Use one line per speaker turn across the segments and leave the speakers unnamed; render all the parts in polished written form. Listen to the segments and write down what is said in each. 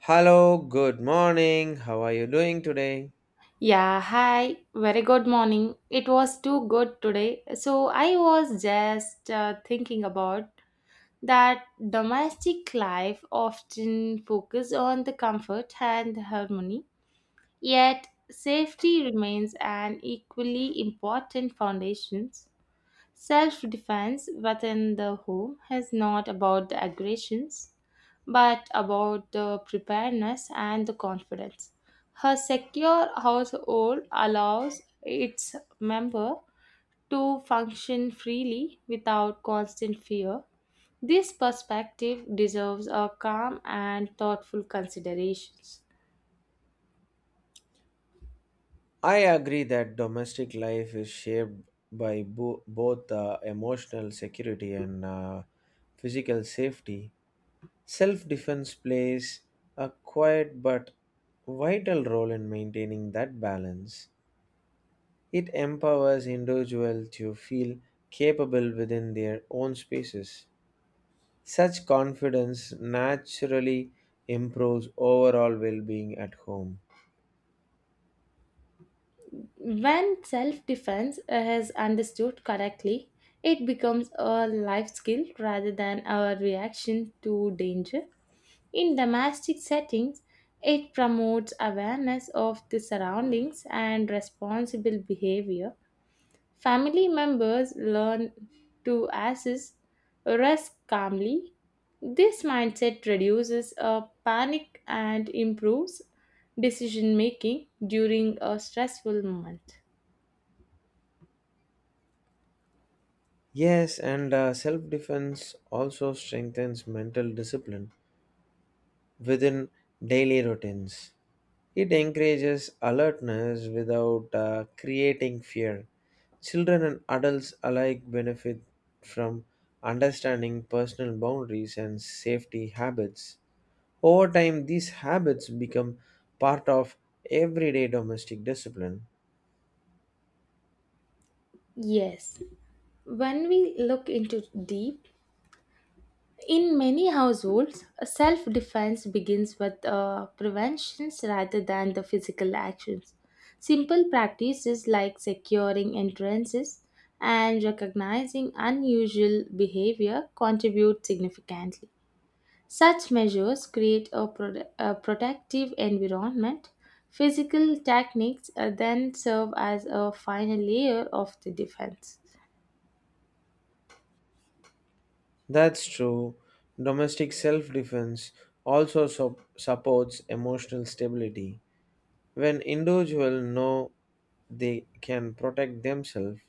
Hello, good morning. How are you doing today?
Yeah, hi. Very good morning. It was too good today. So I was just thinking about that domestic life often focus on the comfort and harmony, yet safety remains an equally important foundations. Self defense within the home is not about the aggressions, but about the preparedness and the confidence. Her secure household allows its member to function freely without constant fear. This perspective deserves a calm and thoughtful considerations.
I agree that domestic life is shaped by both emotional security and physical safety. Self defense plays a quiet but vital role in maintaining that balance. It empowers individuals to feel capable within their own spaces. Such confidence naturally improves overall well being at home.
When self defense is understood correctly, it becomes a life skill rather than a reaction to danger. In domestic settings, it promotes awareness of the surroundings and responsible behavior. Family members learn to assess risk calmly. This mindset reduces panic and improves decision making during a stressful moment.
Yes, and self defense also strengthens mental discipline within daily routines. It encourages alertness without creating fear. Children and adults alike benefit from understanding personal boundaries and safety habits. Over time, these habits become part of everyday domestic discipline.
Yes, when we look into deep, in many households, self defense begins with preventions rather than the physical actions. Simple practices like securing entrances and recognizing unusual behavior contribute significantly. Such measures create a, a protective environment. Physical techniques then serve as a final layer of the defense.
That's true. Domestic self defense also supports emotional stability. When individuals know they can protect themselves,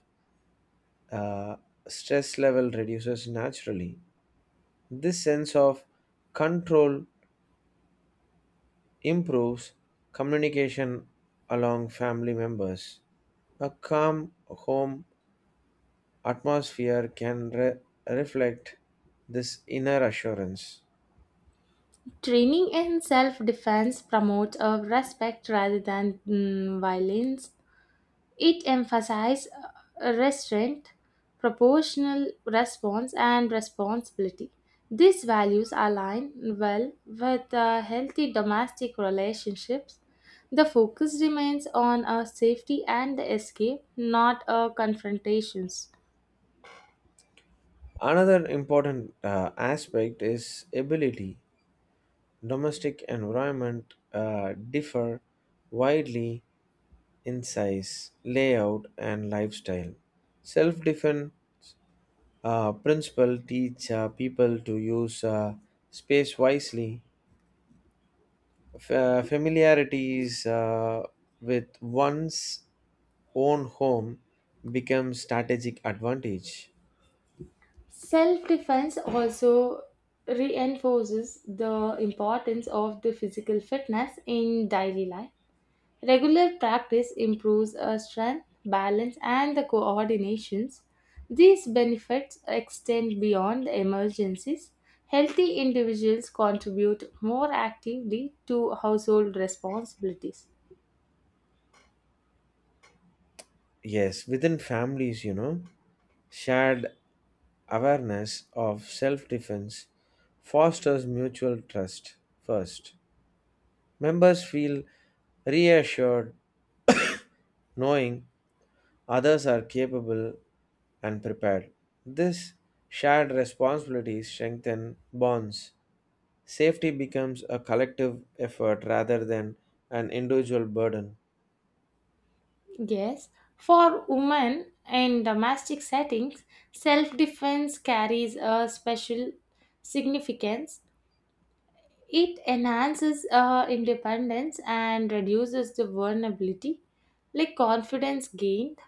uh, stress level reduces naturally. This sense of control improves communication along family members. A calm home atmosphere can reflect this inner assurance.
Training in self defense promotes a respect rather than violence. It emphasizes restraint, proportional response, and responsibility. These values align well with healthy domestic relationships. The focus remains on a safety and escape, not a confrontations.
Another important aspect is ability. Domestic environment differ widely in size, layout, and lifestyle. Self-defense principle teach people to use space wisely. Familiarities with one's own home becomes strategic advantage.
Self defense also reinforces the importance of the physical fitness in daily life. Regular practice improves our strength, balance, and the coordinations. These benefits extend beyond the emergencies. Healthy individuals contribute more actively to household responsibilities.
Yes, within families, you know, shared awareness of self defense fosters mutual trust first. Members feel reassured knowing others are capable and prepared. This shared responsibilities strengthen bonds. Safety becomes a collective effort rather than an individual burden.
Yes, for women in domestic settings, self defense carries a special significance. It enhances independence and reduces the vulnerability. Like confidence gained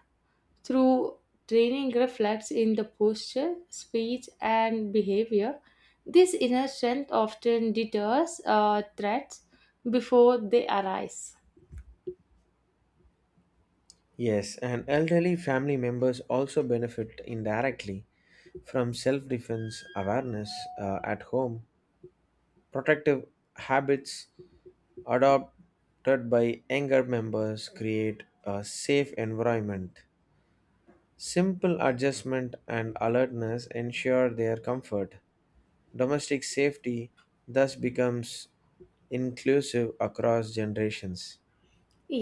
through training reflects in the posture, speech, and behavior. This inner strength often deters threats before they arise.
Yes, and elderly family members also benefit indirectly from self defense awareness at home. Protective habits adopted by younger members create a safe environment. Simple adjustment and alertness ensure their comfort. Domestic safety thus becomes inclusive across generations.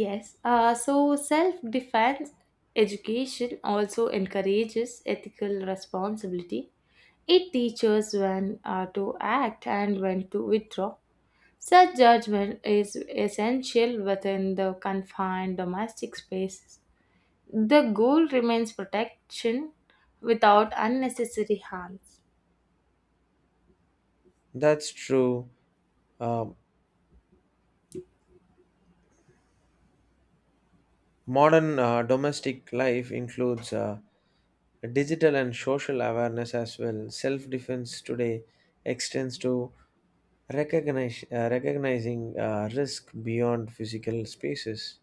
Yes, so self defense education also encourages ethical responsibility. It teaches when to act and when to withdraw. Such judgment is essential within the confined domestic spaces. The goal remains protection without unnecessary harms.
That's true. Uh, modern domestic life includes digital and social awareness as well. Self defense today extends to recognizing risk beyond physical spaces.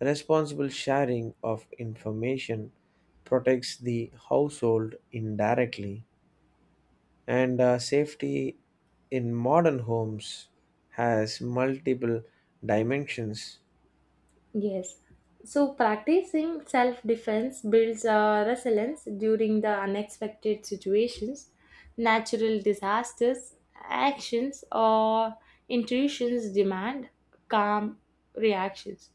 Responsible sharing of information protects the household indirectly, and safety in modern homes has multiple dimensions.
Yes. So, practicing self defense builds resilience during the unexpected situations, natural disasters, actions, or intrusions demand calm reactions.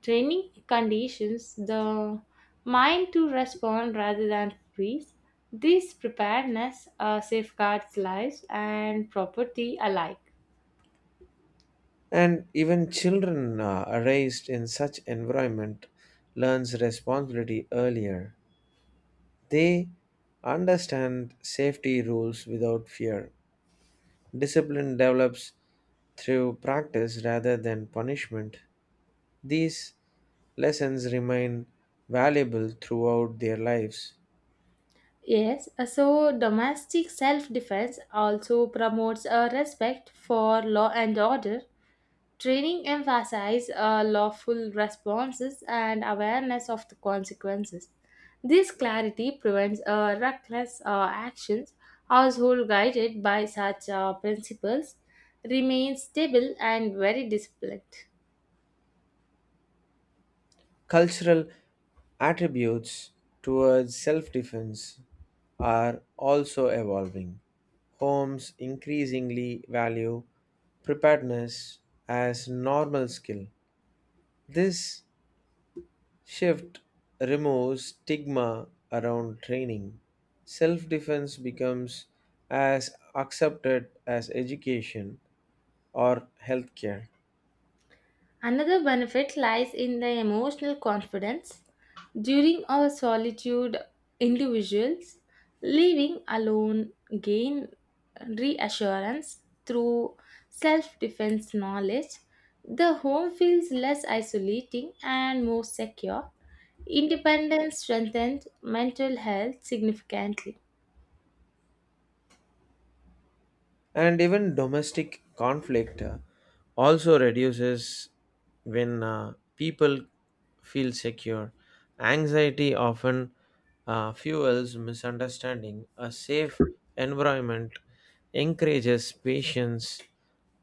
Training conditions the mind to respond rather than freeze. This preparedness safeguards lives and property alike.
And even children raised in such environment learns responsibility earlier. They understand safety rules without fear. Discipline develops through practice rather than punishment. These lessons remain valuable throughout their lives.
Yes, so domestic self defense also promotes a respect for law and order. Training emphasizes lawful responses and awareness of the consequences. This clarity prevents reckless actions. Household guided by such principles remains stable and very disciplined.
Cultural attributes towards self defense are also evolving. Homes increasingly value preparedness as normal skill. This shift removes stigma around training. Self defense becomes as accepted as education or healthcare.
Another benefit lies in the emotional confidence. During our solitude, individuals living alone gain reassurance through self defense knowledge. The home feels less isolating and more secure. Independence strengthens mental health significantly.
And even domestic conflict also reduces when people feel secure. Anxiety often fuels misunderstanding. A safe environment encourages patience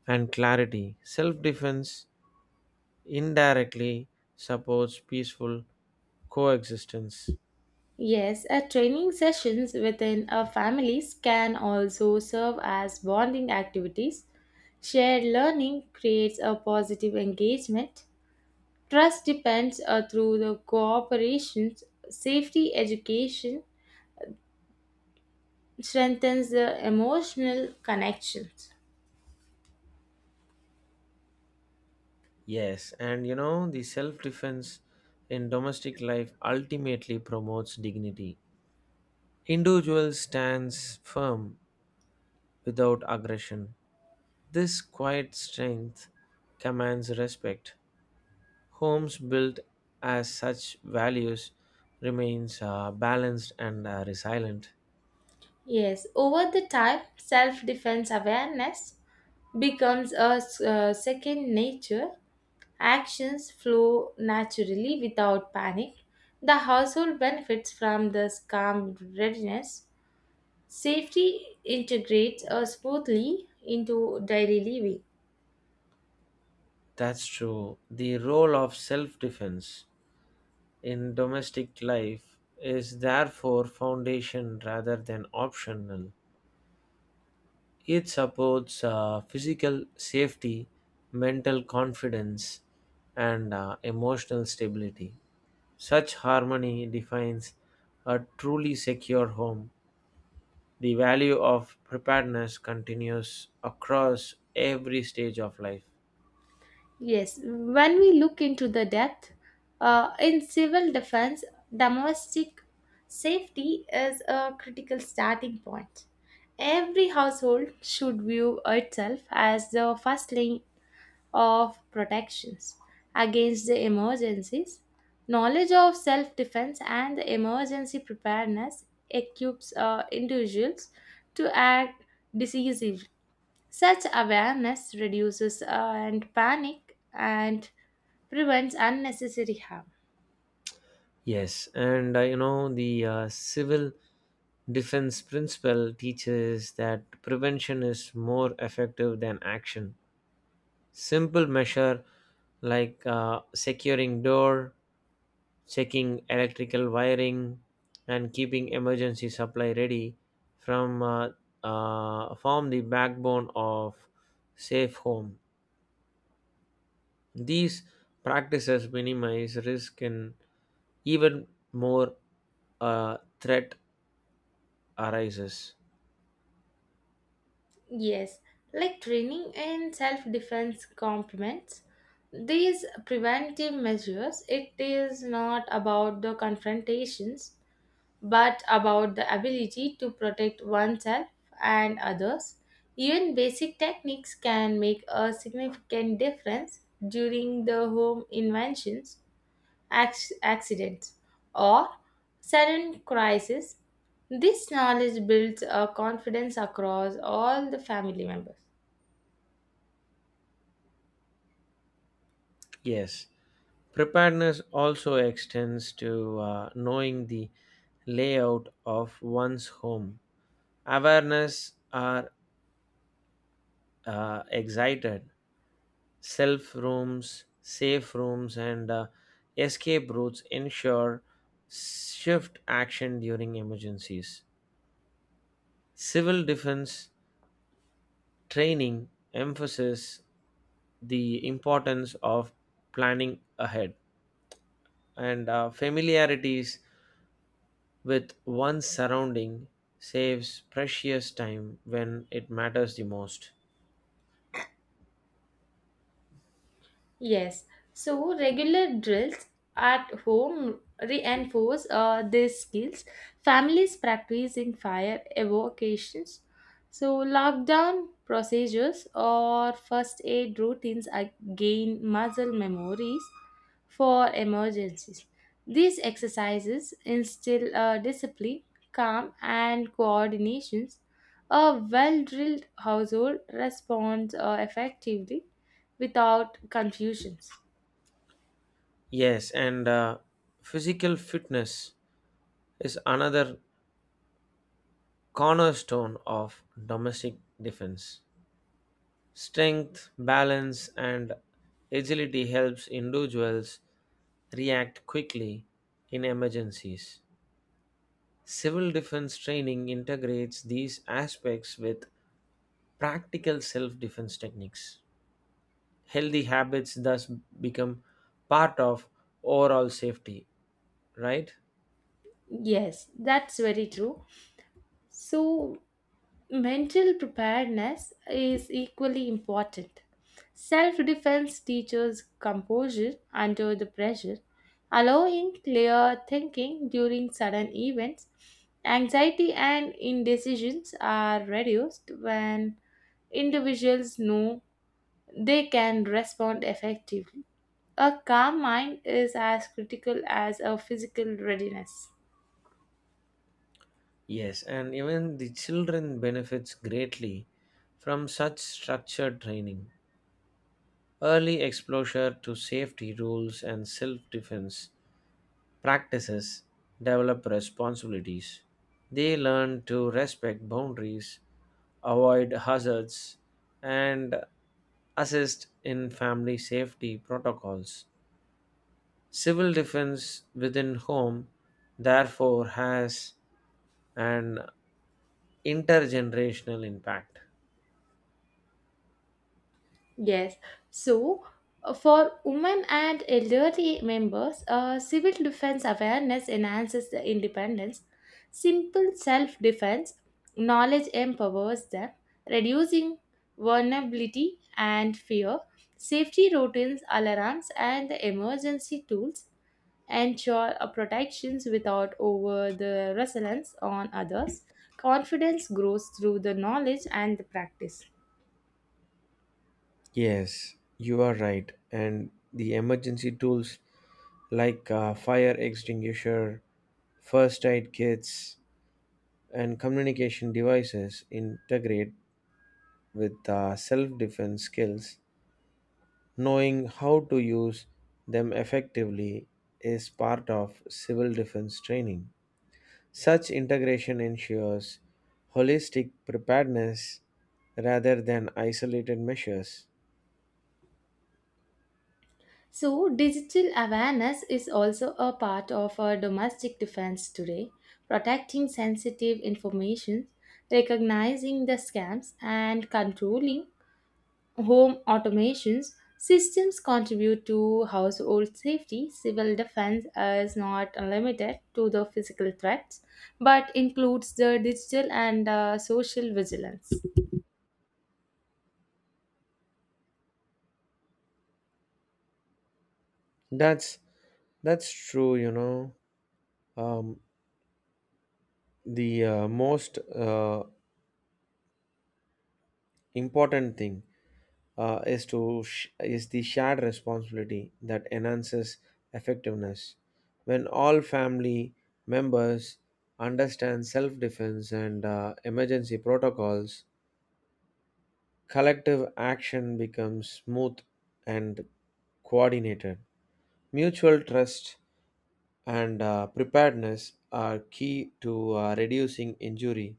and clarity. Self defense indirectly supports peaceful coexistence.
Yes, a training sessions within a families can also serve as bonding activities. Shared learning creates a positive engagement. Trust depends through the cooperation. Safety education strengthens the emotional connections.
Yes, and you know, the self defense in domestic life ultimately promotes dignity. Individual stands firm without aggression. This quiet strength commands respect. Homes built as such values remains balanced and resilient.
Yes, over the time, self-defense awareness becomes a second nature. Actions flow naturally without panic. The household benefits from this calm readiness. Safety integrates smoothly into daily living.
That's true. The role of self defense. In domestic life is therefore foundation rather than optional. It supports physical safety, mental confidence, and emotional stability. Such harmony defines a truly secure home. The value of preparedness continues across every stage of life.
Yes, when we look into the depth, in civil defense, domestic safety is a critical starting point. Every household should view itself as the first line of protections against the emergencies. Knowledge of self defense and the emergency preparedness equips individuals to act decisively. Such awareness reduces and panic and prevents unnecessary harm.
Yes, and you know, the civil defense principle teaches that prevention is more effective than action. Simple measure like securing door, checking electrical wiring, and keeping emergency supply ready from form the backbone of safe home. These practices minimize risk and even more threat arises.
Yes, like training in self defense complements these preventive measures. It is not about the confrontations but about the ability to protect oneself and others. Even basic techniques can make a significant difference during the home inventions, accidents, or sudden crisis. This knowledge builds a confidence across all the family members.
Yes. Preparedness also extends to knowing the layout of one's home. Awareness are excited. Self rooms, safe rooms, and escape routes ensure swift action during emergencies. Civil defense training emphasizes the importance of planning ahead, and familiarities with one's surrounding saves precious time when it matters the most.
Yes, so regular drills at home reinforce these skills. Families practicing fire evocations, so lockdown procedures or first aid routines are- gain muscle memories for emergencies. These exercises instill discipline, calm, and coordinations. A well drilled household responds effectively without confusions.
Yes, and physical fitness is another cornerstone of domestic defense. Strength, balance, and agility helps individuals react quickly in emergencies. Civil defense training integrates these aspects with practical self defense techniques. Healthy habits thus become part of overall safety, right?
Yes, that's very true. So, mental preparedness is equally important. Self defense teaches composure under the pressure, allowing clear thinking during sudden events. Anxiety and indecisions are reduced when individuals know they can respond effectively. A calm mind is as critical as a physical readiness.
Yes, and even the children benefits greatly from such structured training. Early exposure to safety rules and self-defense practices develop responsibilities. They learn to respect boundaries, avoid hazards, and assist in family safety protocols. Civil defense within home, therefore, has an intergenerational impact.
Yes. So for women and elderly members, civil defense awareness enhances the independence. Simple self defense knowledge empowers them, reducing vulnerability and fear. Safety routines, alarms, and the emergency tools ensure a protections without over the resilience on others. Confidence grows through the knowledge and the practice.
Yes, you are right. And the emergency tools like fire extinguisher, first aid kits, and communication devices integrate with self defense skills. Knowing how to use them effectively is part of civil defense training. Such integration ensures holistic preparedness rather than isolated measures.
So, digital awareness is also a part of our domestic defense today, protecting sensitive information, recognizing the scams, and controlling home automations systems contribute to household safety. Civil defense is not limited to the physical threats, but includes the digital and social vigilance.
That's that's true. You know, um, the most important thing is the shared responsibility that enhances effectiveness. When all family members understand self-defense and emergency protocols, collective action becomes smooth and coordinated. Mutual trust and preparedness are key to reducing injury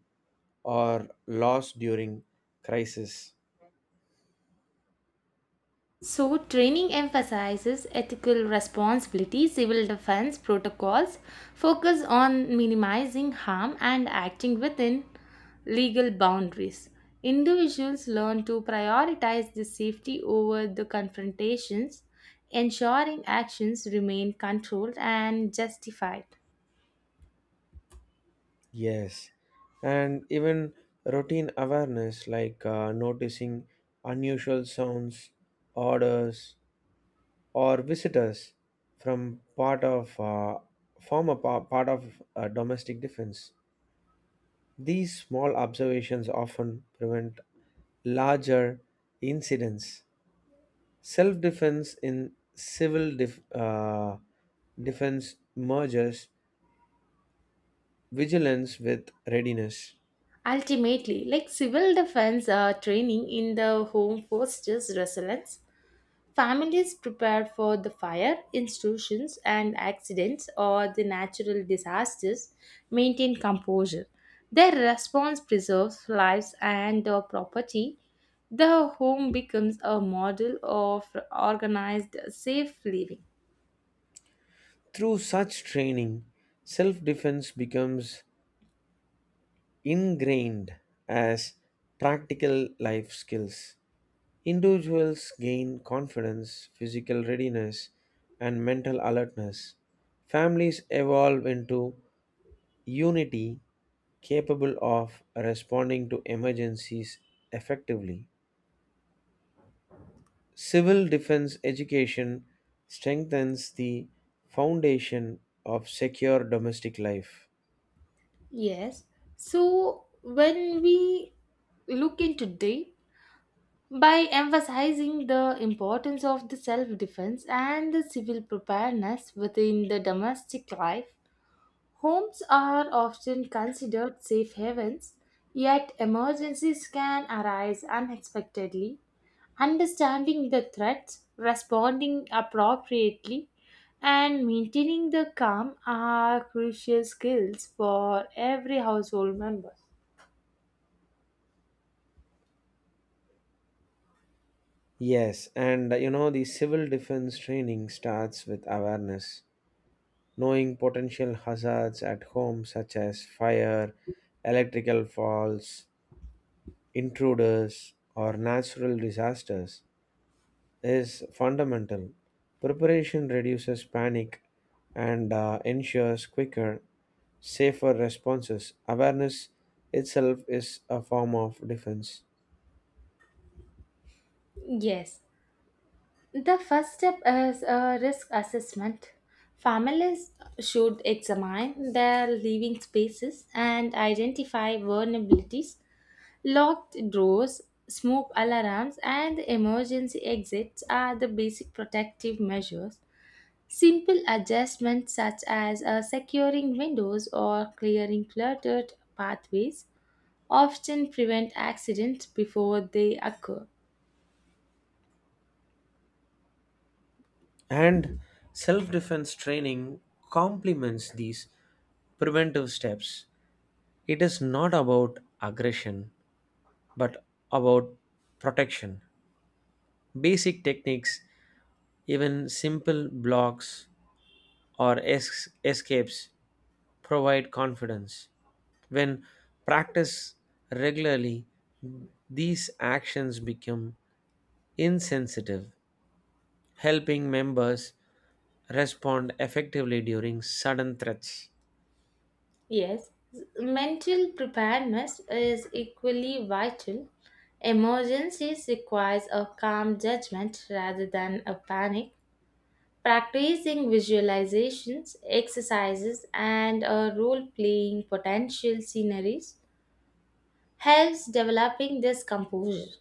or loss during crisis.
So, training emphasizes ethical responsibility, civil defense protocols, focus on minimizing harm, and acting within legal boundaries. Individuals learn to prioritize the safety over the confrontations, ensuring actions remain controlled and justified.
Yes, and even routine awareness like noticing unusual sounds, odors, or visitors from part of former pa- part of domestic defense. These small observations often prevent larger incidents. Self defense in defense merges vigilance with readiness.
Ultimately, like civil defense training in the home fosters resilience. Families prepare for the fire, institutions, and accidents or the natural disasters maintain composure. Their response preserves lives and the property. The home becomes a model of organized, safe living.
Through such training, self defense becomes ingrained as practical life skills. Individuals gain confidence, physical readiness, and mental alertness. Families evolve into unity capable of responding to emergencies effectively. Civil defense education strengthens the foundation of secure domestic life.
Yes. So when we look into deep, by emphasizing the importance of the self defense and the civil preparedness within the domestic life, homes are often considered safe havens, yet emergencies can arise unexpectedly. Understanding the threats, responding appropriately, and maintaining the calm are crucial skills for every household member.
Yes, and you know, the civil defense training starts with awareness, knowing potential hazards at home, such as fire, electrical faults, intruders, or natural disasters. Is fundamental. Preparation reduces panic and ensures quicker, safer responses. Awareness itself is a form of defense.
Yes, the first step is a risk assessment. Families should examine their living spaces and identify vulnerabilities, locked doors, smoke alarms, and emergency exits are the basic protective measures. Simple adjustments such as securing windows or clearing cluttered pathways often prevent accidents before they occur.
And self defense training complements these preventive steps. It is not about aggression, but about protection. Basic techniques, even simple blocks or escapes, provide confidence. When practiced regularly, these actions become insensitive, helping members respond effectively during sudden threats.
Yes, mental preparedness is equally vital. Emergencies requires a calm judgment rather than a panic. Practicing visualizations, exercises, and a role-playing potential sceneries helps developing this composure.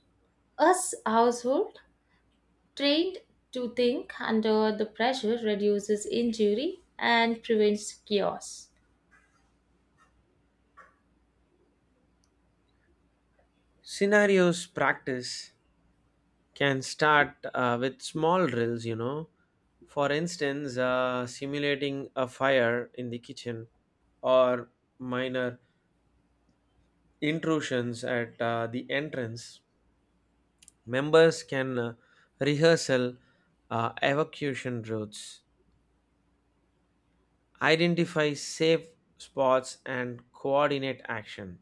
Us household trained to think under the pressure reduces injury and prevents chaos.
Scenarios practice can start with small drills, you know. For instance, simulating a fire in the kitchen or minor intrusions at the entrance. Members can rehearsal evacuation routes, identify safe spots, and coordinate action.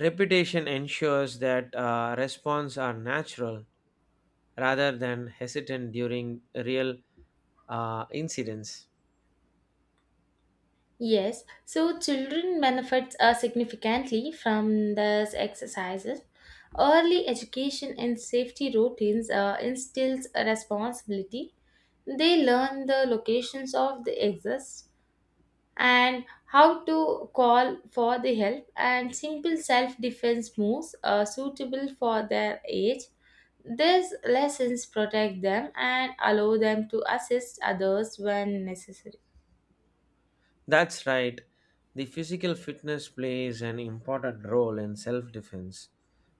Repetition ensures that response are natural rather than hesitant during real incidents.
Yes, so children benefits significantly from these exercises. Early education and safety routines instills a responsibility. They learn the locations of the exits and how to call for the help and simple self-defense moves suitable for their age. These lessons protect them and allow them to assist others when necessary.
That's right. The physical fitness plays an important role in self defense.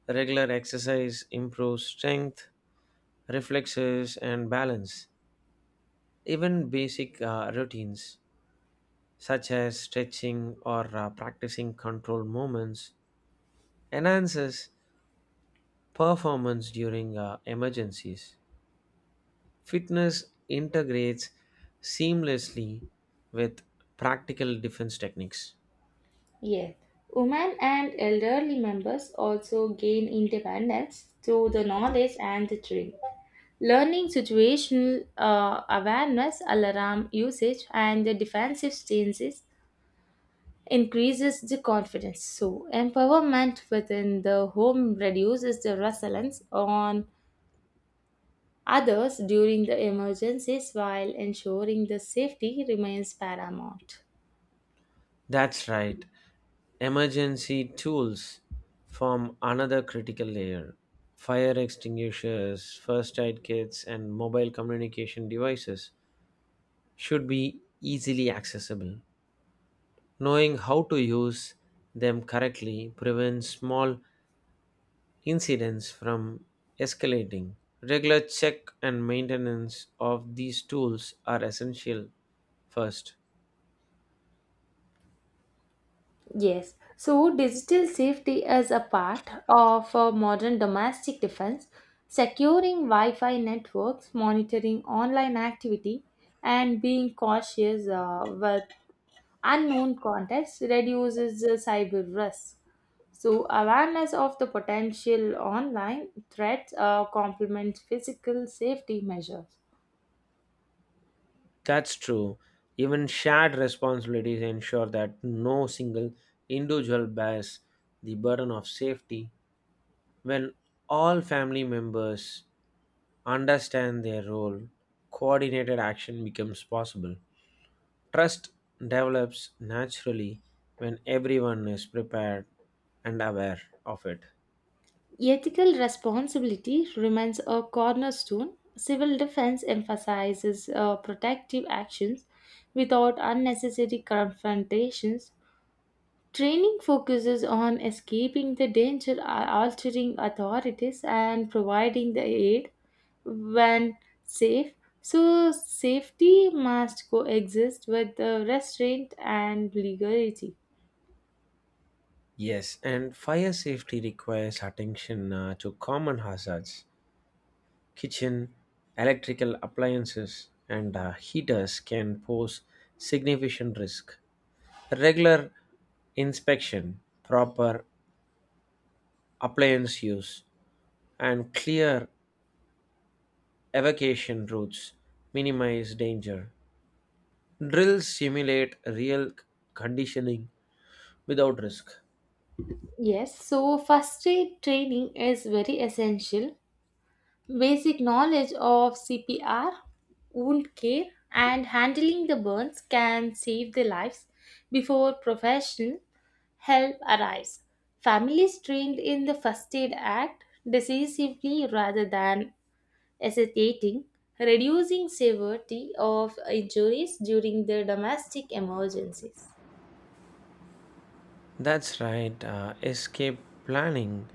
Regular exercise improves strength, reflexes, and balance. Even basic routines such as stretching or practicing controlled movements enhances performance during emergencies. Fitness integrates seamlessly with practical defense techniques.
Yes, women and elderly members also gain independence through the knowledge and the training. Learning situational awareness, alarm usage, and the defensive stances increases the confidence. So, empowerment within the home reduces the resilience on others during the emergencies while ensuring the safety remains paramount.
That's right. Emergency tools form another critical layer. Fire extinguishers, first aid kits, and mobile communication devices should be easily accessible. Knowing how to use them correctly prevents small incidents from escalating. Regular check and maintenance of these tools are essential first.
Yes, so digital safety is a part of a modern domestic defense, securing Wi Fi networks, monitoring online activity, and being cautious with unknown contacts reduces the cyber risk. So, awareness of the potential online threats complements physical safety measures.
That's true. Even shared responsibilities ensure that no single individual bears the burden of safety. When all family members understand their role, coordinated action becomes possible. Trust develops naturally when everyone is prepared and aware of it.
Ethical responsibility remains a cornerstone. Civil defense emphasizes protective actions without unnecessary confrontations. Training focuses on escaping the danger, altering authorities, and providing the aid when safe. So, safety must coexist with restraint and legality.
Yes, and fire safety requires attention to common hazards. Kitchen, electrical appliances, and heaters can pose significant risk. Regular inspection, proper appliance use, and clear evacuation routes minimize danger. Drills simulate real conditioning without risk.
Yes, so first aid training is very essential. Basic knowledge of CPR, wound care, and handling the burns can save their lives before professional help arrives. Families trained in the first aid act decisively rather than hesitating, reducing severity of injuries during the domestic emergencies.
That's right. Escape planning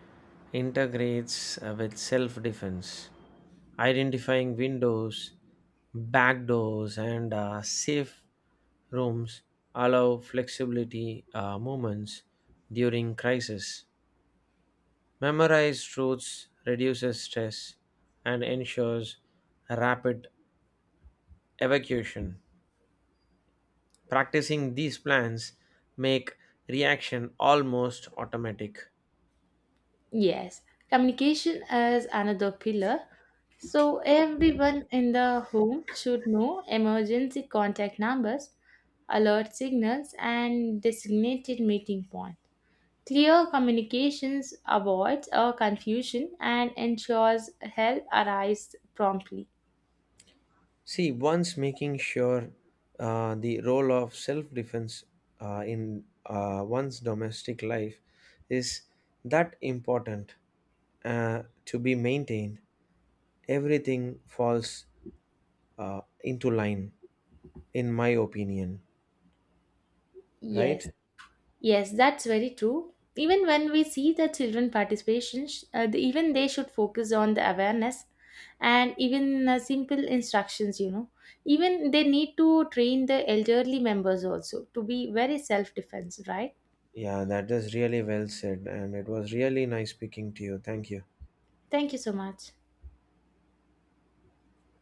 integrates with self defense, identifying windows, back doors, and safe rooms allow flexibility moments during crisis. Memorized routes reduces stress and ensures rapid evacuation. Practicing these plans make reaction almost automatic.
Yes, communication is another pillar. So, everyone in the home should know emergency contact numbers, alert signals, and designated meeting point. Clear communications avoids confusion and ensures help arrives promptly.
See, once making sure the role of self defense in one's domestic life is that important to be maintained, everything falls into line, in my opinion, right?
Yes. Yes, that's very true. Even when we see the children participation, even they should focus on the awareness and even simple instructions. Even they need to train the elderly members also to be very self defense, right?
Yeah, that is really well said, and it was really nice speaking to you. Thank you.
Thank you so much.